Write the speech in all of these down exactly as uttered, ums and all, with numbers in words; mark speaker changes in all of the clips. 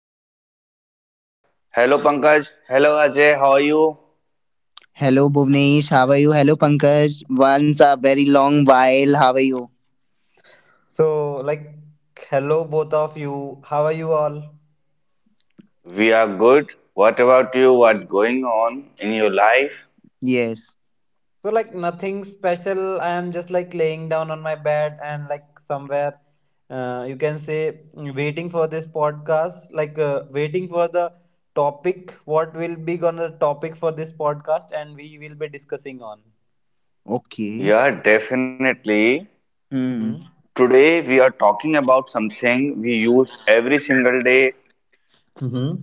Speaker 1: another podcast. Hello Pankaj, hello Ajay, how are you?
Speaker 2: Hello, Bhuvnesh. How are you? Hello, Pankaj. Once a very long while. How are you?
Speaker 3: So, like, Hello, both of you. How are you all?
Speaker 1: We are good. What about you? What's going on in your life?
Speaker 2: Yes.
Speaker 3: So, like, nothing special. I am just like laying down on my bed and like somewhere, uh, you can say, waiting for this podcast, like, uh, waiting for the topic, what will be gonna topic for this podcast, and we will be discussing on.
Speaker 2: Okay.
Speaker 1: Yeah, definitely.
Speaker 2: Hmm.
Speaker 3: Mm-hmm.
Speaker 1: Today we are talking about something we use every single day
Speaker 3: Mm-hmm.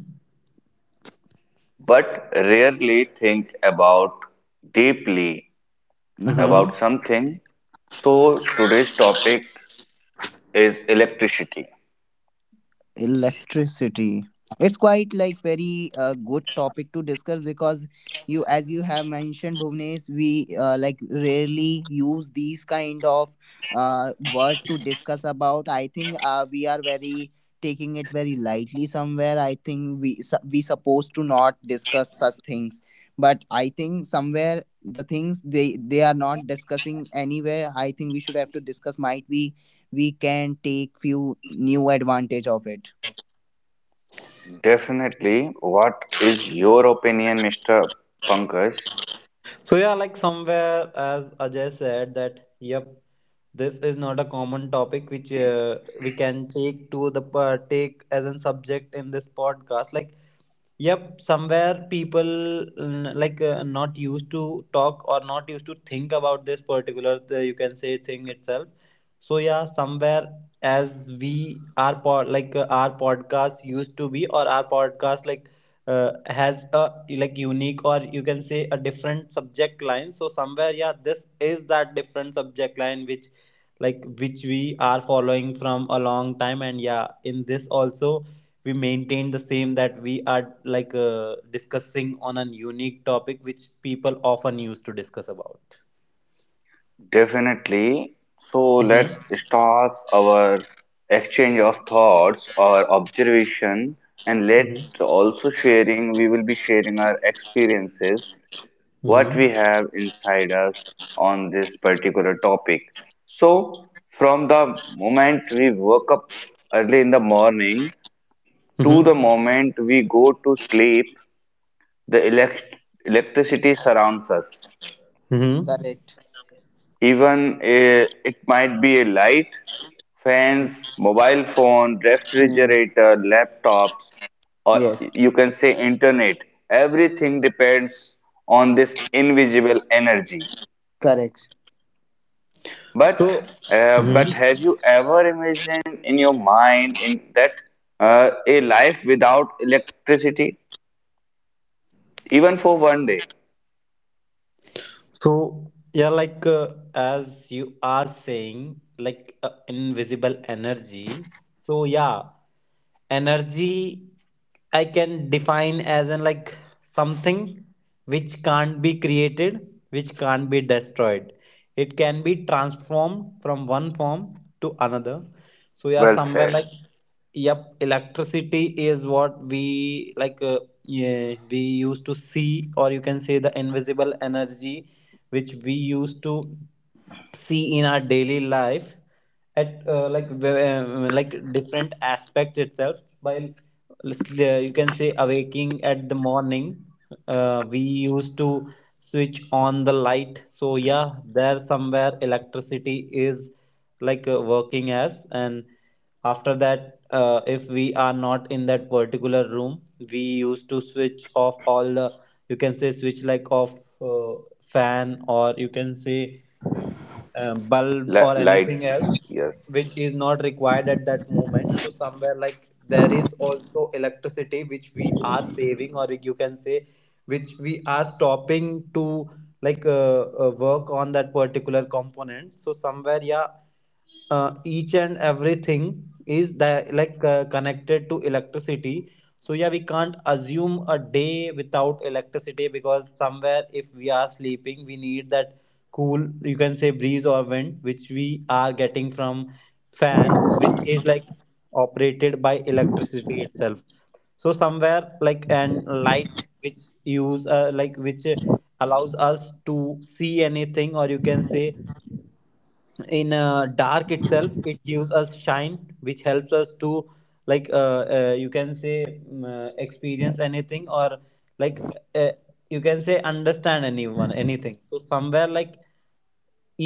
Speaker 1: but rarely think about deeply
Speaker 2: Uh
Speaker 3: Mm-hmm.
Speaker 2: huh.
Speaker 1: about something. So today's topic is electricity.
Speaker 2: Electricity, it's quite like very uh, good topic to discuss because you, as you have mentioned, Bhuvnesh, we uh, like rarely use these kind of uh, word to discuss about. I think uh, we are very taking it very lightly. Somewhere I think we su- we supposed to not discuss such things, but I think somewhere the things, they they are not discussing anywhere. I think we should have to discuss. Might we we can take few new advantage of it.
Speaker 1: Definitely. What is your opinion, Mister Pankaj?
Speaker 3: So, yeah, like, somewhere, as Ajay said, that, yep. This is not a common topic which uh, we can take to the uh, take as a subject in this podcast. Like, yep, somewhere people n- like uh, not used to talk or not used to think about this particular uh, you can say thing itself. So yeah, somewhere as we our pod like uh, our podcast used to be or our podcast like uh, has a like unique or you can say a different subject line. So somewhere yeah, this is that different subject line which like which we are following from a long time and yeah, in this also we maintain the same that we are like uh, discussing on a unique topic which people often used to discuss about.
Speaker 1: Definitely. So let's
Speaker 3: Mm-hmm.
Speaker 1: start our exchange of thoughts or observation, and let's
Speaker 3: Mm-hmm.
Speaker 1: also sharing, we will be sharing our experiences, what we
Speaker 3: Mm-hmm.
Speaker 1: have inside us on this particular topic. So from the moment we woke up early in the morning to the
Speaker 3: Mm-hmm.
Speaker 1: moment we go to sleep, The elect- electricity surrounds us.
Speaker 3: Mm-hmm.
Speaker 2: Correct.
Speaker 1: Even eh, it might be a light, fans, mobile phone,
Speaker 2: Hmm.
Speaker 1: refrigerator, laptops, or
Speaker 2: Yes.
Speaker 1: you can say internet. Everything depends on this invisible energy.
Speaker 2: Correct.
Speaker 3: so
Speaker 1: But uh,
Speaker 3: hmm
Speaker 1: but have you ever imagined in your mind in that uh, a life without electricity, even for one day?
Speaker 3: so yeah, like uh, as you are saying, like uh, invisible energy, so yeah, energy I can define as an like something which can't be created, which can't be destroyed, it can be transformed from one form to another. So yeah,
Speaker 1: Well
Speaker 3: somewhere,
Speaker 1: said.
Speaker 3: like, yep, electricity is what we like uh, yeah, we used to see, or you can say the invisible energy which we used to see in our daily life at uh, like w- uh, like different aspects itself by uh, you can say awaking at the morning. Uh, we used to switch on the light, so yeah, there somewhere electricity is like uh, working as. And after that uh, if we are not in that particular room, we used to switch off all the, you can say, switch like off uh, fan, or you can say, um, bulb,
Speaker 1: Li-
Speaker 3: or anything
Speaker 1: lights,
Speaker 3: else
Speaker 1: yes.
Speaker 3: which is not required at that moment. So somewhere like there is also electricity which we are saving, or you can say which we are stopping to like uh, uh, work on that particular component. So somewhere yeah, uh, each and everything is di- like uh, connected to electricity. So yeah, we can't assume a day without electricity because somewhere if we are sleeping we need that cool, you can say, breeze or wind which we are getting from fan which is like operated by electricity itself. So somewhere, like, and light which use uh, like which uh, allows us to see anything, or you can say in uh, dark itself it gives us shine which helps us to like uh, uh, you can say, mm, uh, experience anything, or like uh, you can say understand anyone anything. So somewhere like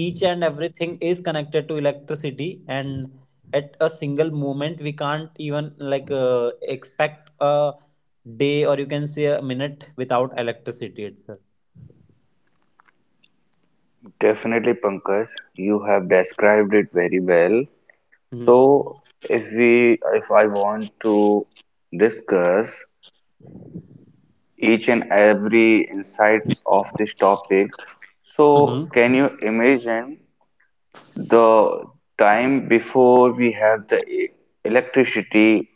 Speaker 3: each and everything is connected to electricity and at a single moment we can't even like uh, expect a day, or you can say a minute, without electricity itself.
Speaker 1: Definitely, Pankaj, you have described it very well.
Speaker 3: Mm-hmm.
Speaker 1: So, if we, if I want to discuss each and every insights of this topic,
Speaker 3: Mm-hmm.
Speaker 1: so can you imagine the time before we have the e- electricity,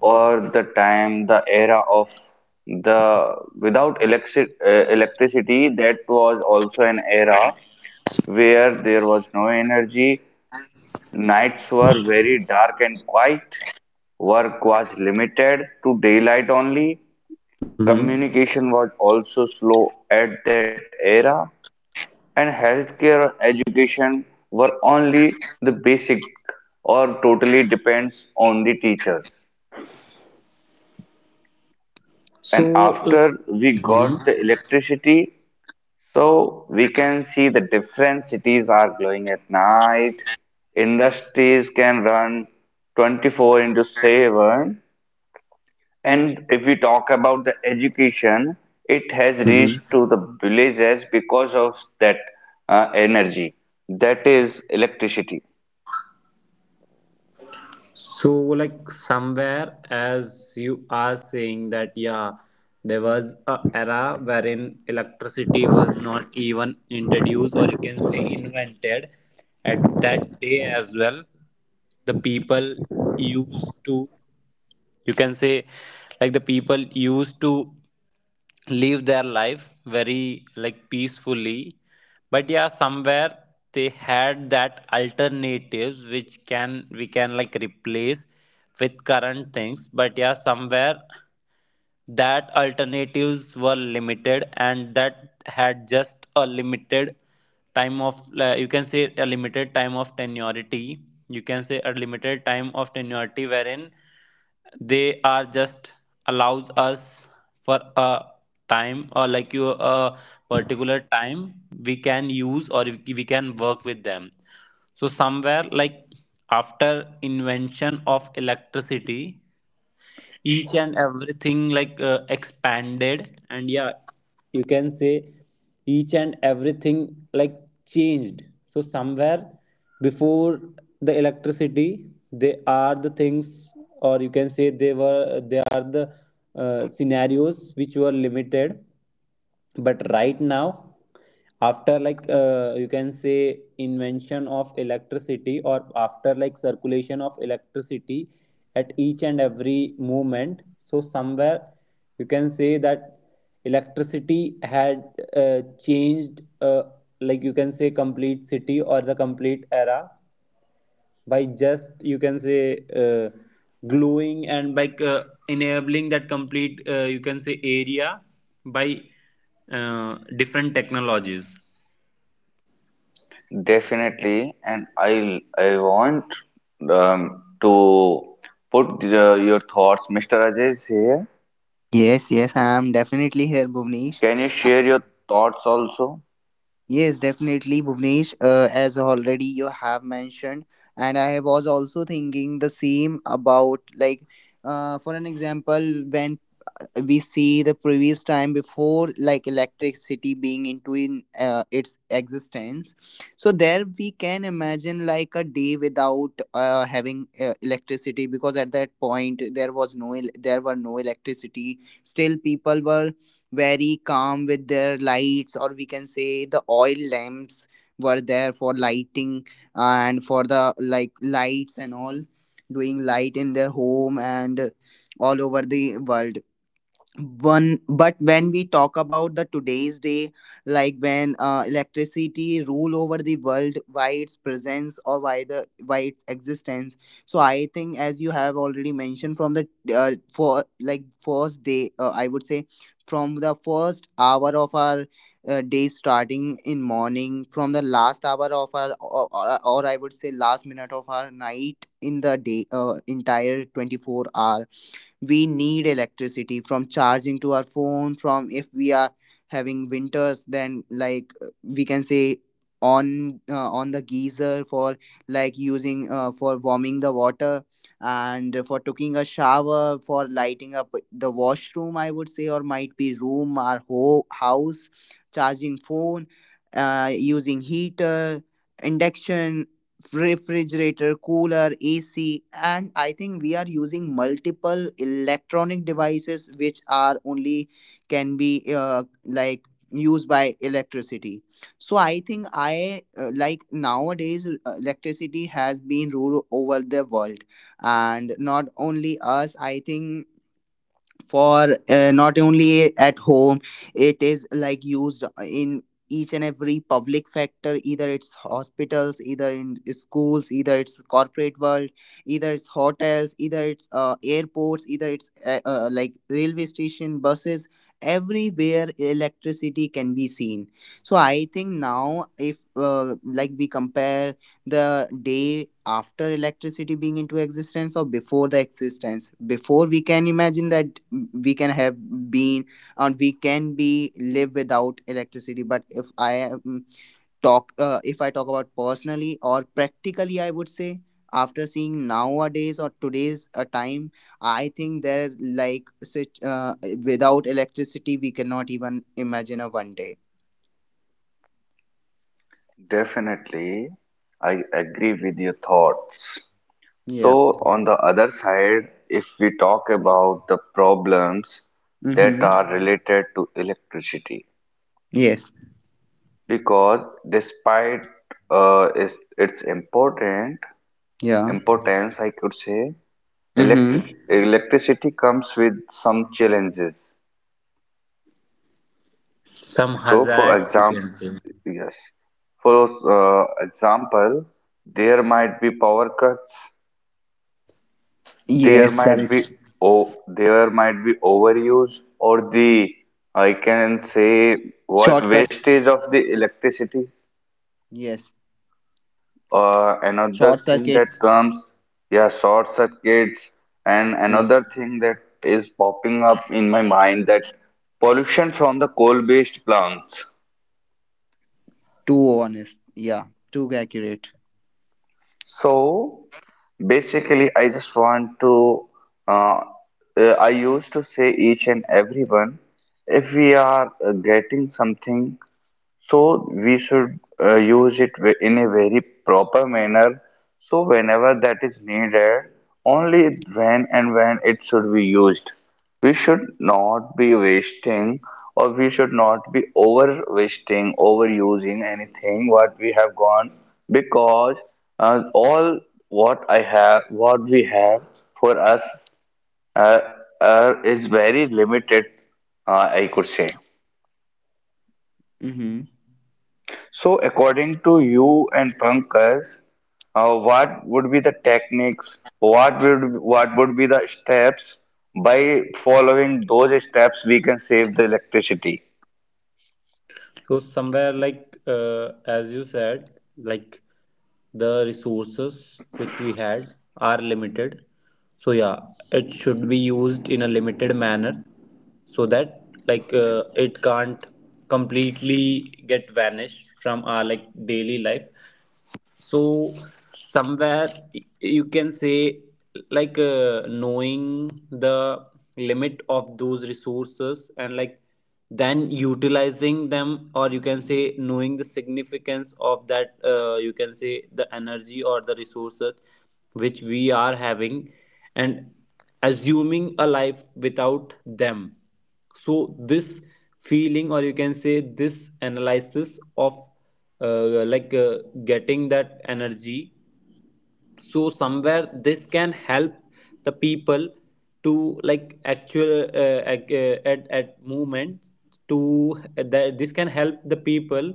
Speaker 1: or the time, the era of the without electric, uh, electricity? That was also an era where there was no energy. Nights were very dark and quiet. Work was limited to daylight only.
Speaker 3: Mm-hmm.
Speaker 1: Communication was also slow at that era, and healthcare and education were only the basic or totally depends on the teachers.
Speaker 3: So,
Speaker 1: And
Speaker 3: like,
Speaker 1: after we
Speaker 3: Mm-hmm.
Speaker 1: got the electricity, so we can see the different cities are glowing at night. Industries can run twenty-four into seven. And if we talk about the education, it has reached to the villages because of that uh, energy, that is electricity.
Speaker 3: So, like somewhere, as you are saying that, yeah, there was a era wherein electricity was not even introduced, or you can say invented. At that day as well, the people used to, you can say, like the people used to live their life very like peacefully, but yeah, somewhere they had that alternatives which can we can like replace with current things, but yeah, somewhere that alternatives were limited and that had just a limited time of uh, you can say a limited time of tenuity, you can say a limited time of tenuity wherein they are just allows us for a time, or like you a particular time we can use or we can work with them. So somewhere like after invention of electricity each and everything like uh, expanded, and yeah, you can say each and everything like changed. So somewhere before the electricity they are the things, or you can say they were they are the uh, scenarios which were limited, but right now after like uh, you can say invention of electricity, or after like circulation of electricity at each and every moment. So somewhere you can say that electricity had uh, changed, uh, like you can say complete city or the complete era by just you can say uh, gluing and by uh, enabling that complete uh, you can say area by uh, different technologies.
Speaker 1: Definitely, and I I want um, to put the, your thoughts. Mister Ajay is here.
Speaker 2: Yes, yes, I am definitely here, Bhuvnesh.
Speaker 1: Can you share your thoughts also?
Speaker 2: Yes, definitely, Bhuvnesh. Uh, as already you have mentioned, and I was also thinking the same about like, uh, for an example, when uh, we see the previous time before like electricity being into in uh, its existence, so there we can imagine like a day without uh, having uh, electricity, because at that point there was no el- there were no electricity. Still people were very calm with their lights, or we can say the oil lamps were there for lighting and for the like lights and all doing light in their home and all over the world one. But when we talk about the today's day, like when uh, electricity rule over the world, why its presence, or why the why its existence, so I think as you have already mentioned, from the uh, for like first day, uh, I would say from the first hour of our uh, day starting in morning, from the last hour of our, or, or, or I would say last minute of our night in the day, uh, entire twenty-four hour we need electricity, from charging to our phone, from, if we are having winters, then like uh, we can say on, uh, on the geyser for like using uh, for warming the water, and for taking a shower, for lighting up the washroom, I would say, or might be room or ho- house, charging phone, uh, using heater, induction, refrigerator, cooler, A C, and I think we are using multiple electronic devices which are only can be uh, like used by electricity. So I think I uh, like nowadays uh, electricity has been ruled over the world, and not only us. I think for uh, not only at home, it is like used in each and every public factor, either it's hospitals, either in schools, either it's corporate world, either it's hotels, either it's uh, airports, either it's uh, uh, like railway station, buses. Everywhere electricity can be seen. So I think now if uh, like we compare the day after electricity being into existence or before the existence, before we can imagine that we can have been and we can be live without electricity. But if I am talk uh, if I talk about personally or practically, I would say after seeing nowadays or today's uh, time, I think there like such uh, without electricity we cannot even imagine a one day.
Speaker 1: Definitely, I agree with your thoughts.
Speaker 2: Yeah.
Speaker 1: So, on the other side, if we talk about the problems that
Speaker 2: Mm-hmm.
Speaker 1: are related to electricity,
Speaker 2: Yes.
Speaker 1: because despite uh, its, its important
Speaker 2: Yeah.
Speaker 1: importance, I could say,
Speaker 2: Mm-hmm.
Speaker 1: Electric electricity comes with some challenges.
Speaker 3: Some
Speaker 1: So, for
Speaker 3: hazards, you
Speaker 1: example,
Speaker 3: can say.
Speaker 1: yes, for uh, example, there might be power cuts, there
Speaker 2: Yes,
Speaker 1: might be
Speaker 2: correct.
Speaker 1: oh, there might be overuse, or the I can say wa-
Speaker 2: Shortcut.
Speaker 1: wastage of the electricity.
Speaker 2: Yes.
Speaker 1: Uh, another
Speaker 2: Short
Speaker 1: thing that
Speaker 2: circuits.
Speaker 1: comes, yeah, short circuits, and another
Speaker 2: Yes.
Speaker 1: thing that is popping up in my mind, that pollution from the coal-based plants.
Speaker 2: Too honest. Yeah. Too accurate.
Speaker 1: So basically, I just want to, uh, uh, I used to say each and everyone, if we are uh, getting something, so we should uh, use it ve- in a very proper manner. So whenever that is needed, only when and when it should be used. We should not be wasting, or we should not be over wasting, overusing anything what we have gone, because uh, all what I have, what we have for us uh, uh, is very limited, uh, I could say.
Speaker 2: Mm-hmm.
Speaker 1: So, according to you and Pankaj, uh, what would be the techniques? What would what would be the steps? By following those steps, we can save the electricity.
Speaker 3: So somewhere, like uh, as you said, like, the resources which we had are limited. So yeah, it should be used in a limited manner so that like uh, it can't completely get vanished from our like daily life. So somewhere, y- you can say, like uh, knowing the limit of those resources and like then utilizing them, or you can say knowing the significance of that uh, you can say the energy or the resources which we are having, and assuming a life without them. So this feeling, or you can say this analysis of uh, like uh, getting that energy, so somewhere this can help the people to like actual uh, ac- uh, at at movement to that, this can help the people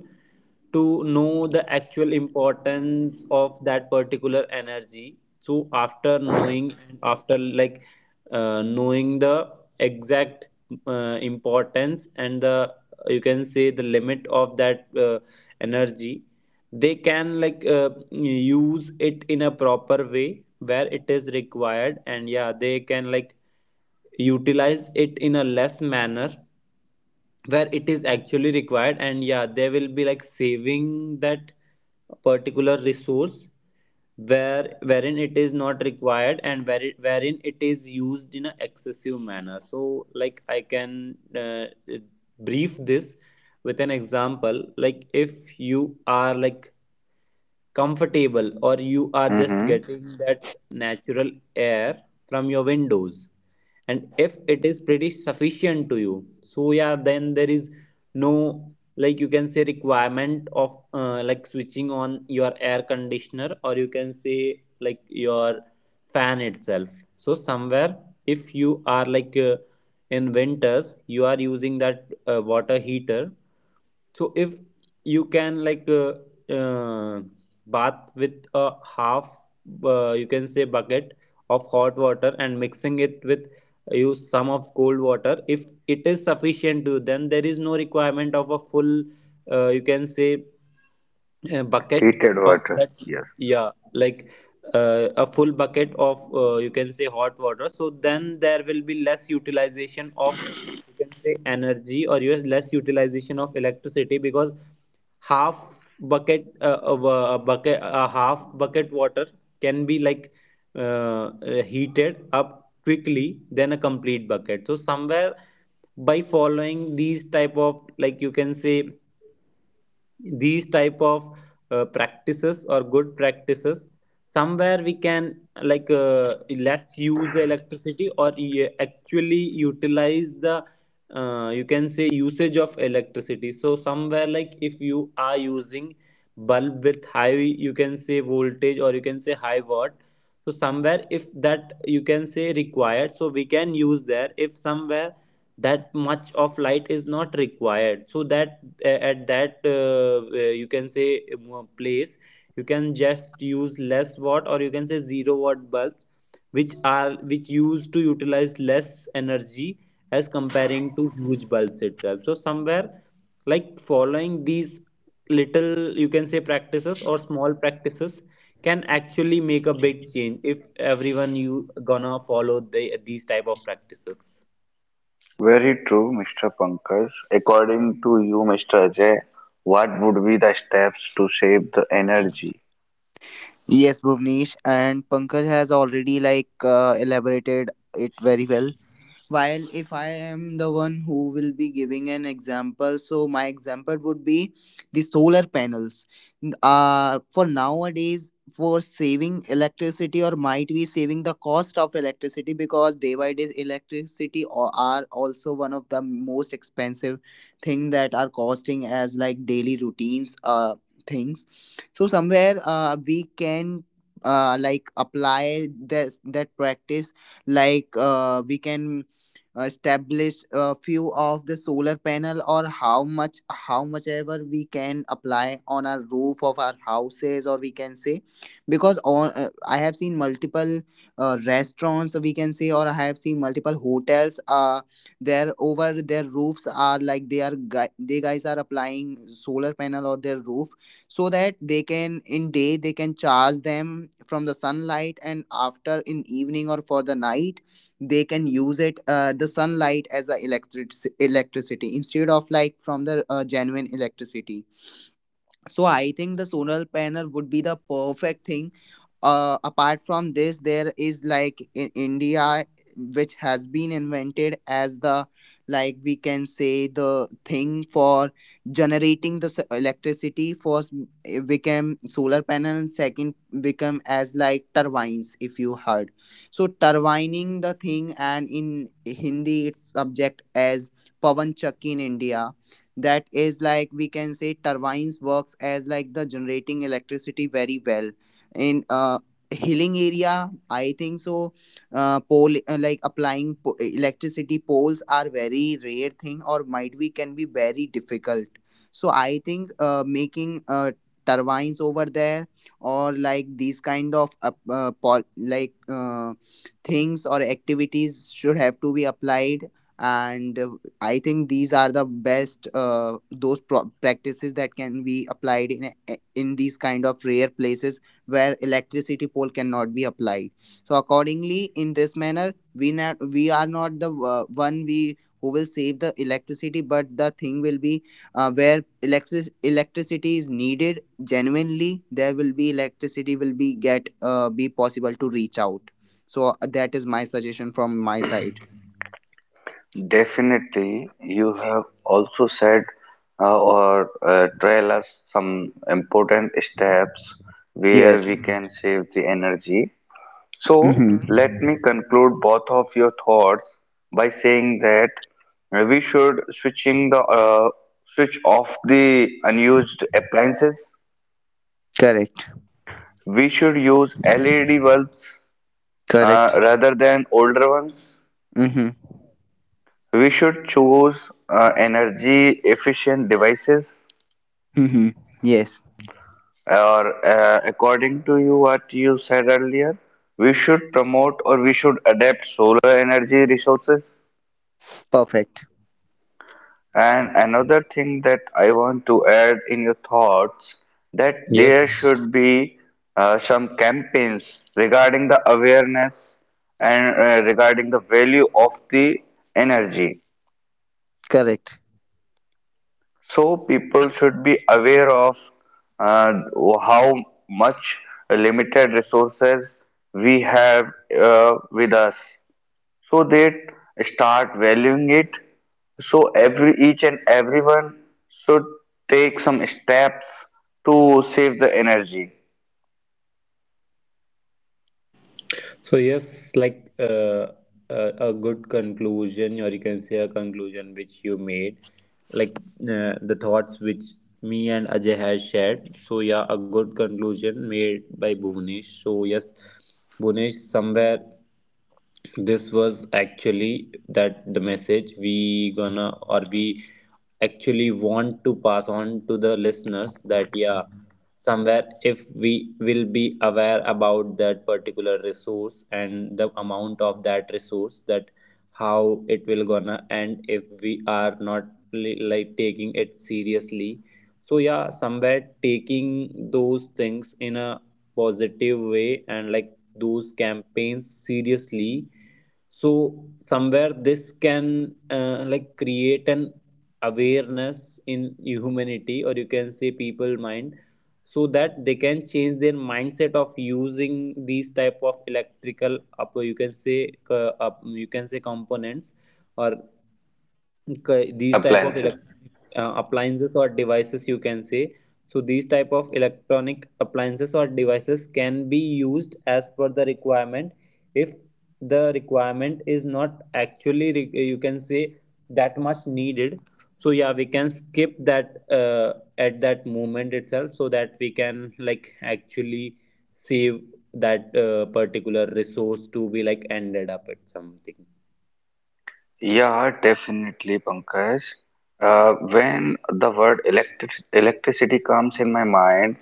Speaker 3: to know the actual importance of that particular energy. So after knowing and after like uh, knowing the exact uh, importance and the, you can say, the limit of that uh, energy, they can like uh, use it in a proper way where it is required, and yeah they can like utilize it in a less manner where it is actually required, and yeah they will be like saving that particular resource where wherein it is not required and where it, wherein it is used in an excessive manner. So like I can uh, brief this with an example. Like if you are like comfortable, or you are just
Speaker 1: Mm-hmm.
Speaker 3: getting that natural air from your windows, and if it is pretty sufficient to you, so yeah then there is no like you can say requirement of uh, like switching on your air conditioner, or you can say like your fan itself. So somewhere if you are like uh, in winters you are using that uh, water heater, so if you can like uh, uh, bath with a half, uh, you can say bucket of hot water and mixing it with uh, use some of cold water. If it is sufficient to, then there is no requirement of a full, uh, you can say uh, bucket
Speaker 1: Heated
Speaker 3: of
Speaker 1: water.
Speaker 3: that.
Speaker 1: Yes.
Speaker 3: Yeah, like uh, a full bucket of uh, you can say hot water. So then there will be less utilization of, you can say, energy, or you less utilization of electricity because half bucket uh, of a, a bucket a half bucket water can be like uh, uh, heated up quickly than a complete bucket. So somewhere by following these type of like you can say these type of uh, practices or good practices, somewhere we can like uh, let's use the electricity, or e- actually utilize the uh, you can say usage of electricity. So somewhere like if you are using bulb with high, you can say, voltage, or you can say high watt, so somewhere if that you can say required, so we can use there. If somewhere that much of light is not required, so that a- at that uh, uh, you can say um, uh, place, you can just use less watt, or you can say zero watt bulbs which are which used to utilize less energy as comparing to huge bulbs itself. So somewhere like following these little, you can say, practices or small practices can actually make a big change if everyone you gonna follow the, these type of practices.
Speaker 1: Very true, Mister Pankaj. According to you, Mister Ajay, what would be the steps to save the energy?
Speaker 2: Yes, Bhuvnesh, and Pankaj has already like uh, elaborated it very well. While if I am the one who will be giving an example, so my example would be the solar panels. N- Uh, for nowadays, for saving electricity or might be saving the cost of electricity, because day by day electricity o- are also one of the most expensive thing that are costing as like daily routines uh things. So somewhere uh, we can uh, like apply this that practice, like uh, we can uh, establish a few of the solar panel, or how much how much ever we can apply on our roof of our houses, or we can say, because on uh, I have seen multiple uh, restaurants we can say, or I have seen multiple hotels, uh their over their roofs are like they are gui- they guys are applying solar panel on their roof, so that they can in day they can charge them from the sunlight, and after in evening or for the night they can use it, uh, the sunlight as a electric electricity, instead of like from the uh, genuine electricity. So I think the solar panel would be the perfect thing. Uh, apart from this, there is like in India, which has been invented as the like we can say the thing for generating the s- electricity. First it became solar panel, and second become as like turbines. If you heard, so turbining the thing, and in Hindi it's subject as pavan chakki in India, that is like we can say turbines works as like the generating electricity very well in uh hilling area, I think so. Uh, pole uh, Like applying po- electricity poles are very rare thing, or might be can be very difficult. So I think uh, making uh, turbines over there, or like these kind of uh, uh, pol- like uh, things or activities should have to be applied. And I think these are the best uh, those pro- practices that can be applied in in these kind of rare places where electricity pole cannot be applied. So accordingly, in this manner, we not, we are not the uh, one we who will save the electricity, but the thing will be uh, where electric electricity is needed genuinely. There will be electricity will be get uh, be possible to reach out. So uh, that is my suggestion from my side.
Speaker 1: Definitely, you have also said uh, or uh, trail us some important steps where
Speaker 2: Yes.
Speaker 1: we can save the energy. So,
Speaker 2: Hmm.
Speaker 1: let me conclude both of your thoughts by saying that uh, we should switching the uh, switch off the unused appliances.
Speaker 2: Correct.
Speaker 1: We should use L E D bulbs uh,
Speaker 2: Correct.
Speaker 1: rather than older ones.
Speaker 2: Mm-hmm.
Speaker 1: We should choose uh, energy efficient devices,
Speaker 2: Mm-hmm. Yes.
Speaker 1: or uh, according to you what you said earlier, we should promote, or we should adapt solar energy resources.
Speaker 2: Perfect.
Speaker 1: And another thing that I want to add in your thoughts, that there
Speaker 3: Yes.
Speaker 1: should be uh, some campaigns regarding the awareness, and uh, regarding the value of the energy.
Speaker 2: Correct.
Speaker 1: So people should be aware of uh, how much limited resources we have uh, with us, so they start valuing it. So every each and everyone should take some steps to save the energy
Speaker 3: So yes, like uh, uh, a good conclusion, or you can say a conclusion which you made, like uh, the thoughts which me and Ajay has shared. So yeah, a good conclusion made by Bhunesh. So yes, Bhunesh, somewhere this was actually that the message we gonna or we actually want to pass on to the listeners that yeah, somewhere if we will be aware about that particular resource and the amount of that resource, that how it will gonna end if we are not li- like taking it seriously. So yeah, somewhere taking those things in a positive way and like those campaigns seriously. So somewhere this can uh, like create an awareness in humanity, or you can say people mind, so that they can change their mindset of using these type of electrical up, you can say, uh, up, you can say components, or c- these type
Speaker 1: appliances.
Speaker 3: of electronic uh, appliances or devices you can say. So these type of electronic appliances or devices can be used as per the requirement. If the requirement is not actually re- you can say that much needed, so yeah, we can skip that uh, at that moment itself, so that we can like actually save that uh, particular resource to be like ended up at something.
Speaker 1: Yeah, definitely, Pankaj. Uh, when the word electric electricity comes in my mind,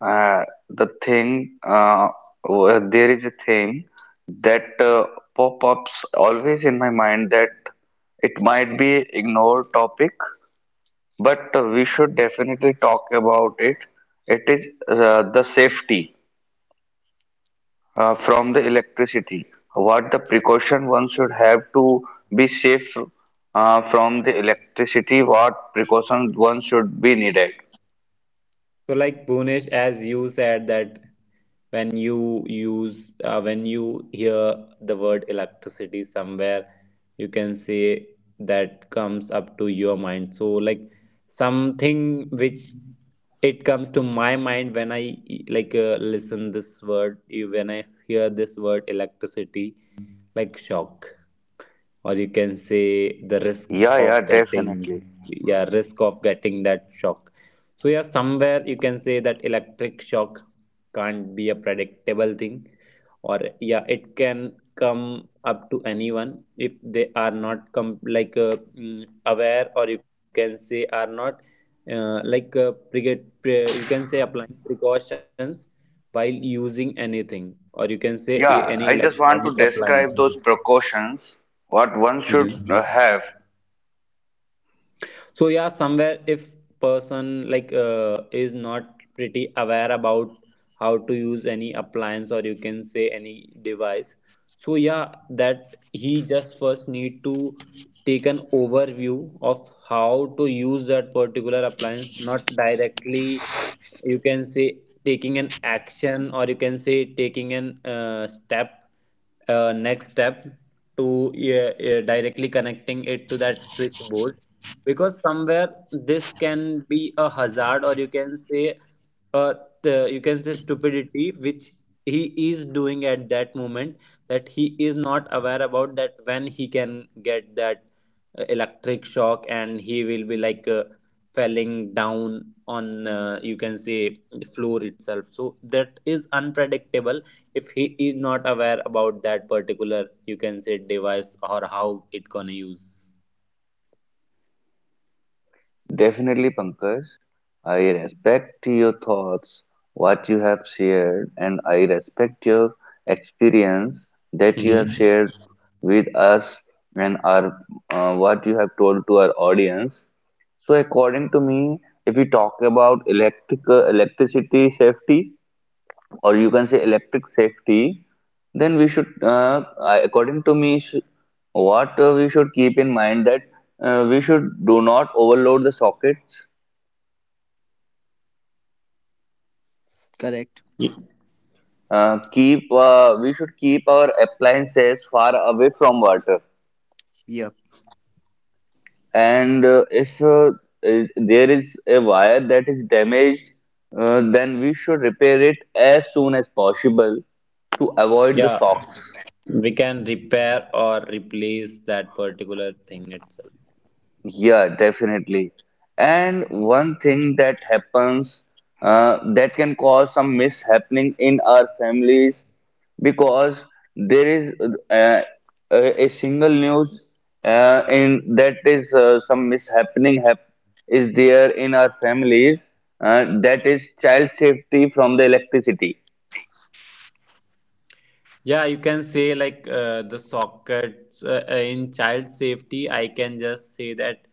Speaker 1: uh, the thing uh, w- there is a thing that uh, pop-ups always in my mind, that it might be ignored topic, but uh, we should definitely talk about it. It is uh, the safety uh, from the electricity. What the precaution one should have to be safe uh, from the electricity? What precautions one should be needed?
Speaker 3: So like Bhunesh, as you said that when you use uh, when you hear the word electricity somewhere, you can say that comes up to your mind. So like something which it comes to my mind when I like uh, listen this word, when I hear this word electricity, like shock, or you can say the risk
Speaker 1: Yeah, yeah,
Speaker 3: of getting,
Speaker 1: definitely.
Speaker 3: yeah, risk of getting that shock. So yeah, somewhere you can say that electric shock can't be a predictable thing, or yeah, it can come up to anyone if they are not com- like uh, mm, aware, or you can say are not uh, like uh, pre- pre- you can say applying precautions while using anything, or you can say a- any
Speaker 1: Yeah, I just
Speaker 3: electronic
Speaker 1: want to
Speaker 3: appliance.
Speaker 1: describe those precautions, what one should uh, have.
Speaker 3: So yeah, somewhere if person like uh, is not pretty aware about how to use any appliance, or you can say any device, so yeah, that he just first need to take an overview of how to use that particular appliance, not directly, you can say, taking an action, or you can say taking an uh, step, uh, next step to, yeah, yeah, directly connecting it to that switchboard. Because somewhere this can be a hazard, or you can say uh, the, you can say stupidity which he is doing at that moment, that he is not aware about that when he can get that uh, electric shock and he will be like uh, falling down on, uh, you can say the floor itself, so that is unpredictable if he is not aware about that particular, you can say, device or how it gonna use.
Speaker 1: Definitely, Pankaj. I respect your thoughts, what you have shared, and I respect your experience that you have
Speaker 3: Mhm.
Speaker 1: shared with us and our, uh, what you have told to our audience. So, according to me, if we talk about electric uh, electricity safety, or you can say electric safety, then we should, uh, according to me, sh- what uh, we should keep in mind, that uh, we should do not overload the sockets.
Speaker 2: Correct.
Speaker 3: Y-
Speaker 1: Uh, keep uh, We should keep our appliances far away from water.
Speaker 2: Yeah.
Speaker 1: And uh, if uh, i- there is a wire that is damaged, uh, then we should repair it as soon as possible to avoid the
Speaker 3: yeah
Speaker 1: shocks.
Speaker 3: we can repair or replace that particular thing itself.
Speaker 1: Yeah, definitely. And one thing that happens uh, that can cause some mishappening in our families, because there is uh, a, a single news uh, in that is uh, some mishappening hap is there in our families, uh, that is child safety from the electricity.
Speaker 3: Yeah, you can say like uh, the sockets, uh, uh, in child safety. I can just say that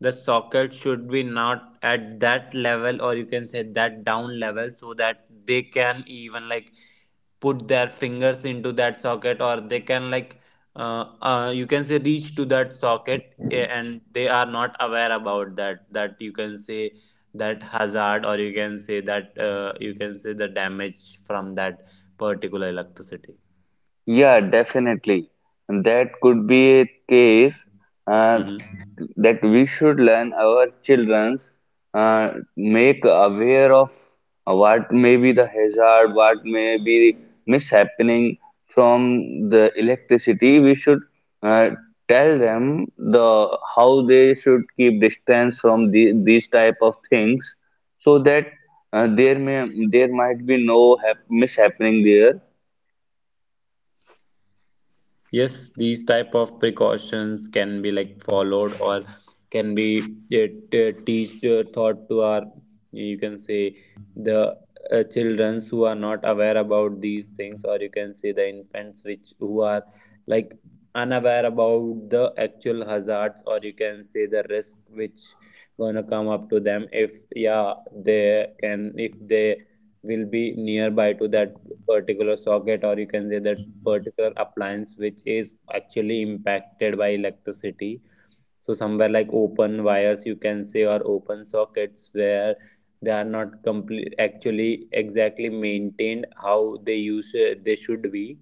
Speaker 3: the socket should be not at that level, or you can say that down level, so that they can even like put their fingers into that socket, or they can like uh, uh, you can say reach to that socket, eh, and they are not aware about that. That you can say that hazard, or you can say that, uh, you can say the damage from that particular electricity.
Speaker 1: Yeah, definitely. And that could be a case uh,
Speaker 3: Mhm.
Speaker 1: that we should learn our children's, uh, make aware of what may be the hazard, what may be mishappening from the electricity. We should uh, tell them the how they should keep distance from the, these type of things, so that uh, there may there might be no hap- mishappening there.
Speaker 3: Yes, these type of precautions can be like followed, or can be uh, t- teach uh, taught to our, you can say, the uh, childrens who are not aware about these things, or you can say the infants which who are like unaware about the actual hazards, or you can say the risk which gonna come up to them if, yeah, they can, if they will be nearby to that particular socket, or you can say that particular appliance which is actually impacted by electricity. So somewhere like open wires, you can say, or open sockets where they are not complete actually exactly maintained how they use, uh, they should be.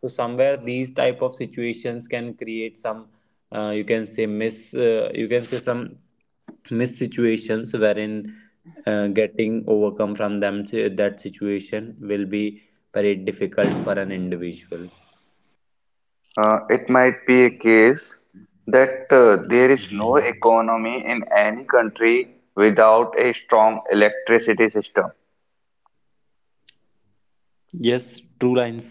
Speaker 3: So somewhere these type of situations can create some uh, you can say miss, uh, you can say
Speaker 1: Definitely,
Speaker 3: some
Speaker 1: Mister Pankaj.
Speaker 3: miss situations wherein,
Speaker 1: So, I just
Speaker 3: uh,
Speaker 1: want to
Speaker 3: getting
Speaker 1: add some
Speaker 3: overcome
Speaker 1: thoughts
Speaker 3: from
Speaker 1: to
Speaker 3: them
Speaker 1: it,
Speaker 3: si- that situation will be very difficult for an
Speaker 1: that
Speaker 3: individual.
Speaker 1: uh, it might be a case that uh, there is
Speaker 3: Mhm.
Speaker 1: no economy in any country without a strong electricity system.
Speaker 3: Yes, true lines.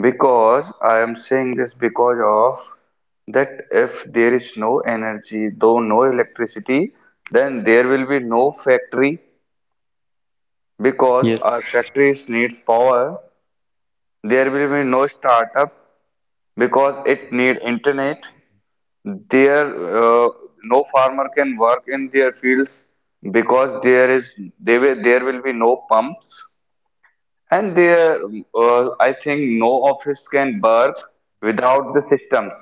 Speaker 1: Because I am saying this because of that, if there is no energy, though no electricity, then there will be no factory, because
Speaker 3: Yes.
Speaker 1: our factories need power. There will be no startup, because it need internet there uh, no farmer can work in their fields, because there is they will, there will be no pumps, and there uh, I think no office can work without the systems.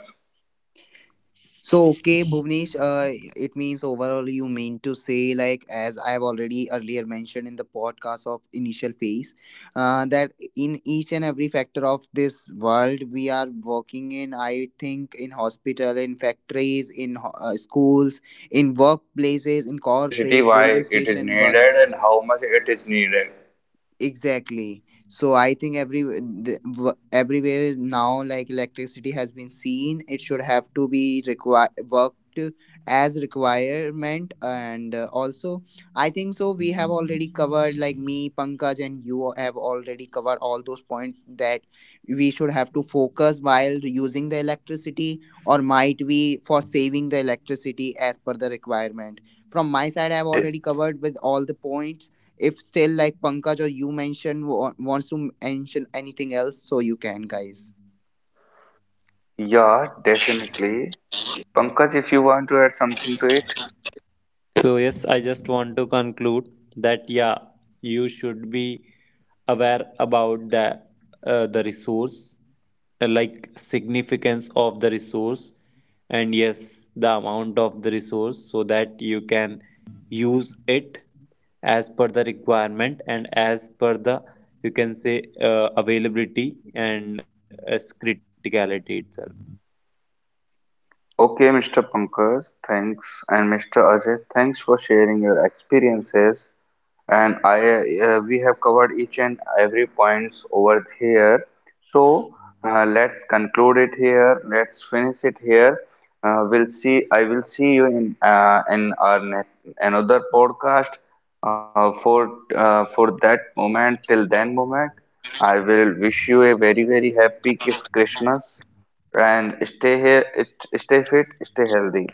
Speaker 2: So okay, Bhuvnesh, uh, it means overall you mean to say, like as I have already earlier mentioned in the podcast
Speaker 1: Yeah,
Speaker 2: of initial
Speaker 1: uh,
Speaker 2: phase,
Speaker 1: according
Speaker 2: uh,
Speaker 1: to
Speaker 2: that
Speaker 1: our
Speaker 2: in each and every factor
Speaker 1: experience,
Speaker 2: of this
Speaker 1: wha-
Speaker 2: world
Speaker 1: what we
Speaker 2: we
Speaker 1: have
Speaker 2: are
Speaker 1: shared, we
Speaker 2: working
Speaker 1: have
Speaker 2: in.
Speaker 1: covered
Speaker 2: I
Speaker 1: each and
Speaker 2: think in
Speaker 1: uh, every
Speaker 2: hospital, in
Speaker 1: insights,
Speaker 2: factories, in
Speaker 1: or I
Speaker 2: ho-
Speaker 1: can
Speaker 2: uh,
Speaker 1: say uh,
Speaker 2: schools,
Speaker 1: every
Speaker 2: in
Speaker 1: aspect of
Speaker 2: workplaces,
Speaker 1: the
Speaker 2: in
Speaker 1: electricity,
Speaker 2: corporate,
Speaker 1: why
Speaker 2: railway
Speaker 1: it is
Speaker 2: station, bus.
Speaker 1: needed and how much it is needed.
Speaker 2: Exactly. So I think every the, w- everywhere is now like electricity has been seen. It should have to be require worked as requirement. And uh, also I think so we have already covered, like me, Pankaj, and you have already covered all those points that we should have to focus while using the electricity, or might we for saving the electricity as per the requirement. From my side I have
Speaker 1: De-
Speaker 2: already covered with all the points. If still like Pankaj or you mentioned wa- wants to mention anything else, so you can, guys.
Speaker 1: yeah, definitely. Pankaj, if you want to add something to it.
Speaker 3: So, yes, I just want to conclude that, yeah, you should be aware about the, uh, the resource, uh, like significance of the resource, and yes, the amount of the resource so that you can use it as per the requirement and as per the, you can say, uh, availability and uh, criticality itself.
Speaker 1: Okay, Mister Pankaj, thanks, and Mister Ajay, thanks for sharing your experiences. And I, uh, we have covered each and every points over here. So uh, let's conclude it here. Let's finish it here. Uh, we'll see. I will see you in uh, in our ne- another podcast. Uh, for uh, for that moment, till then moment, I will wish you a very very happy Christmas and stay here it- stay fit, stay healthy,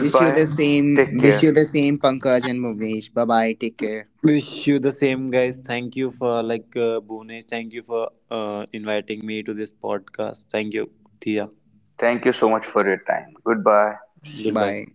Speaker 2: Wish you the same.
Speaker 1: take
Speaker 2: Wish
Speaker 1: care,
Speaker 2: you the same, Pankaj and Bhuvesh. Bye bye. Take care.
Speaker 3: Wish you the same, guys. Thank you for like uh, Bhuvnesh. Thank you for uh, inviting me to this podcast. Thank you, Tia.
Speaker 1: thank you so much for your time, goodbye.
Speaker 3: Goodbye.
Speaker 2: Bye.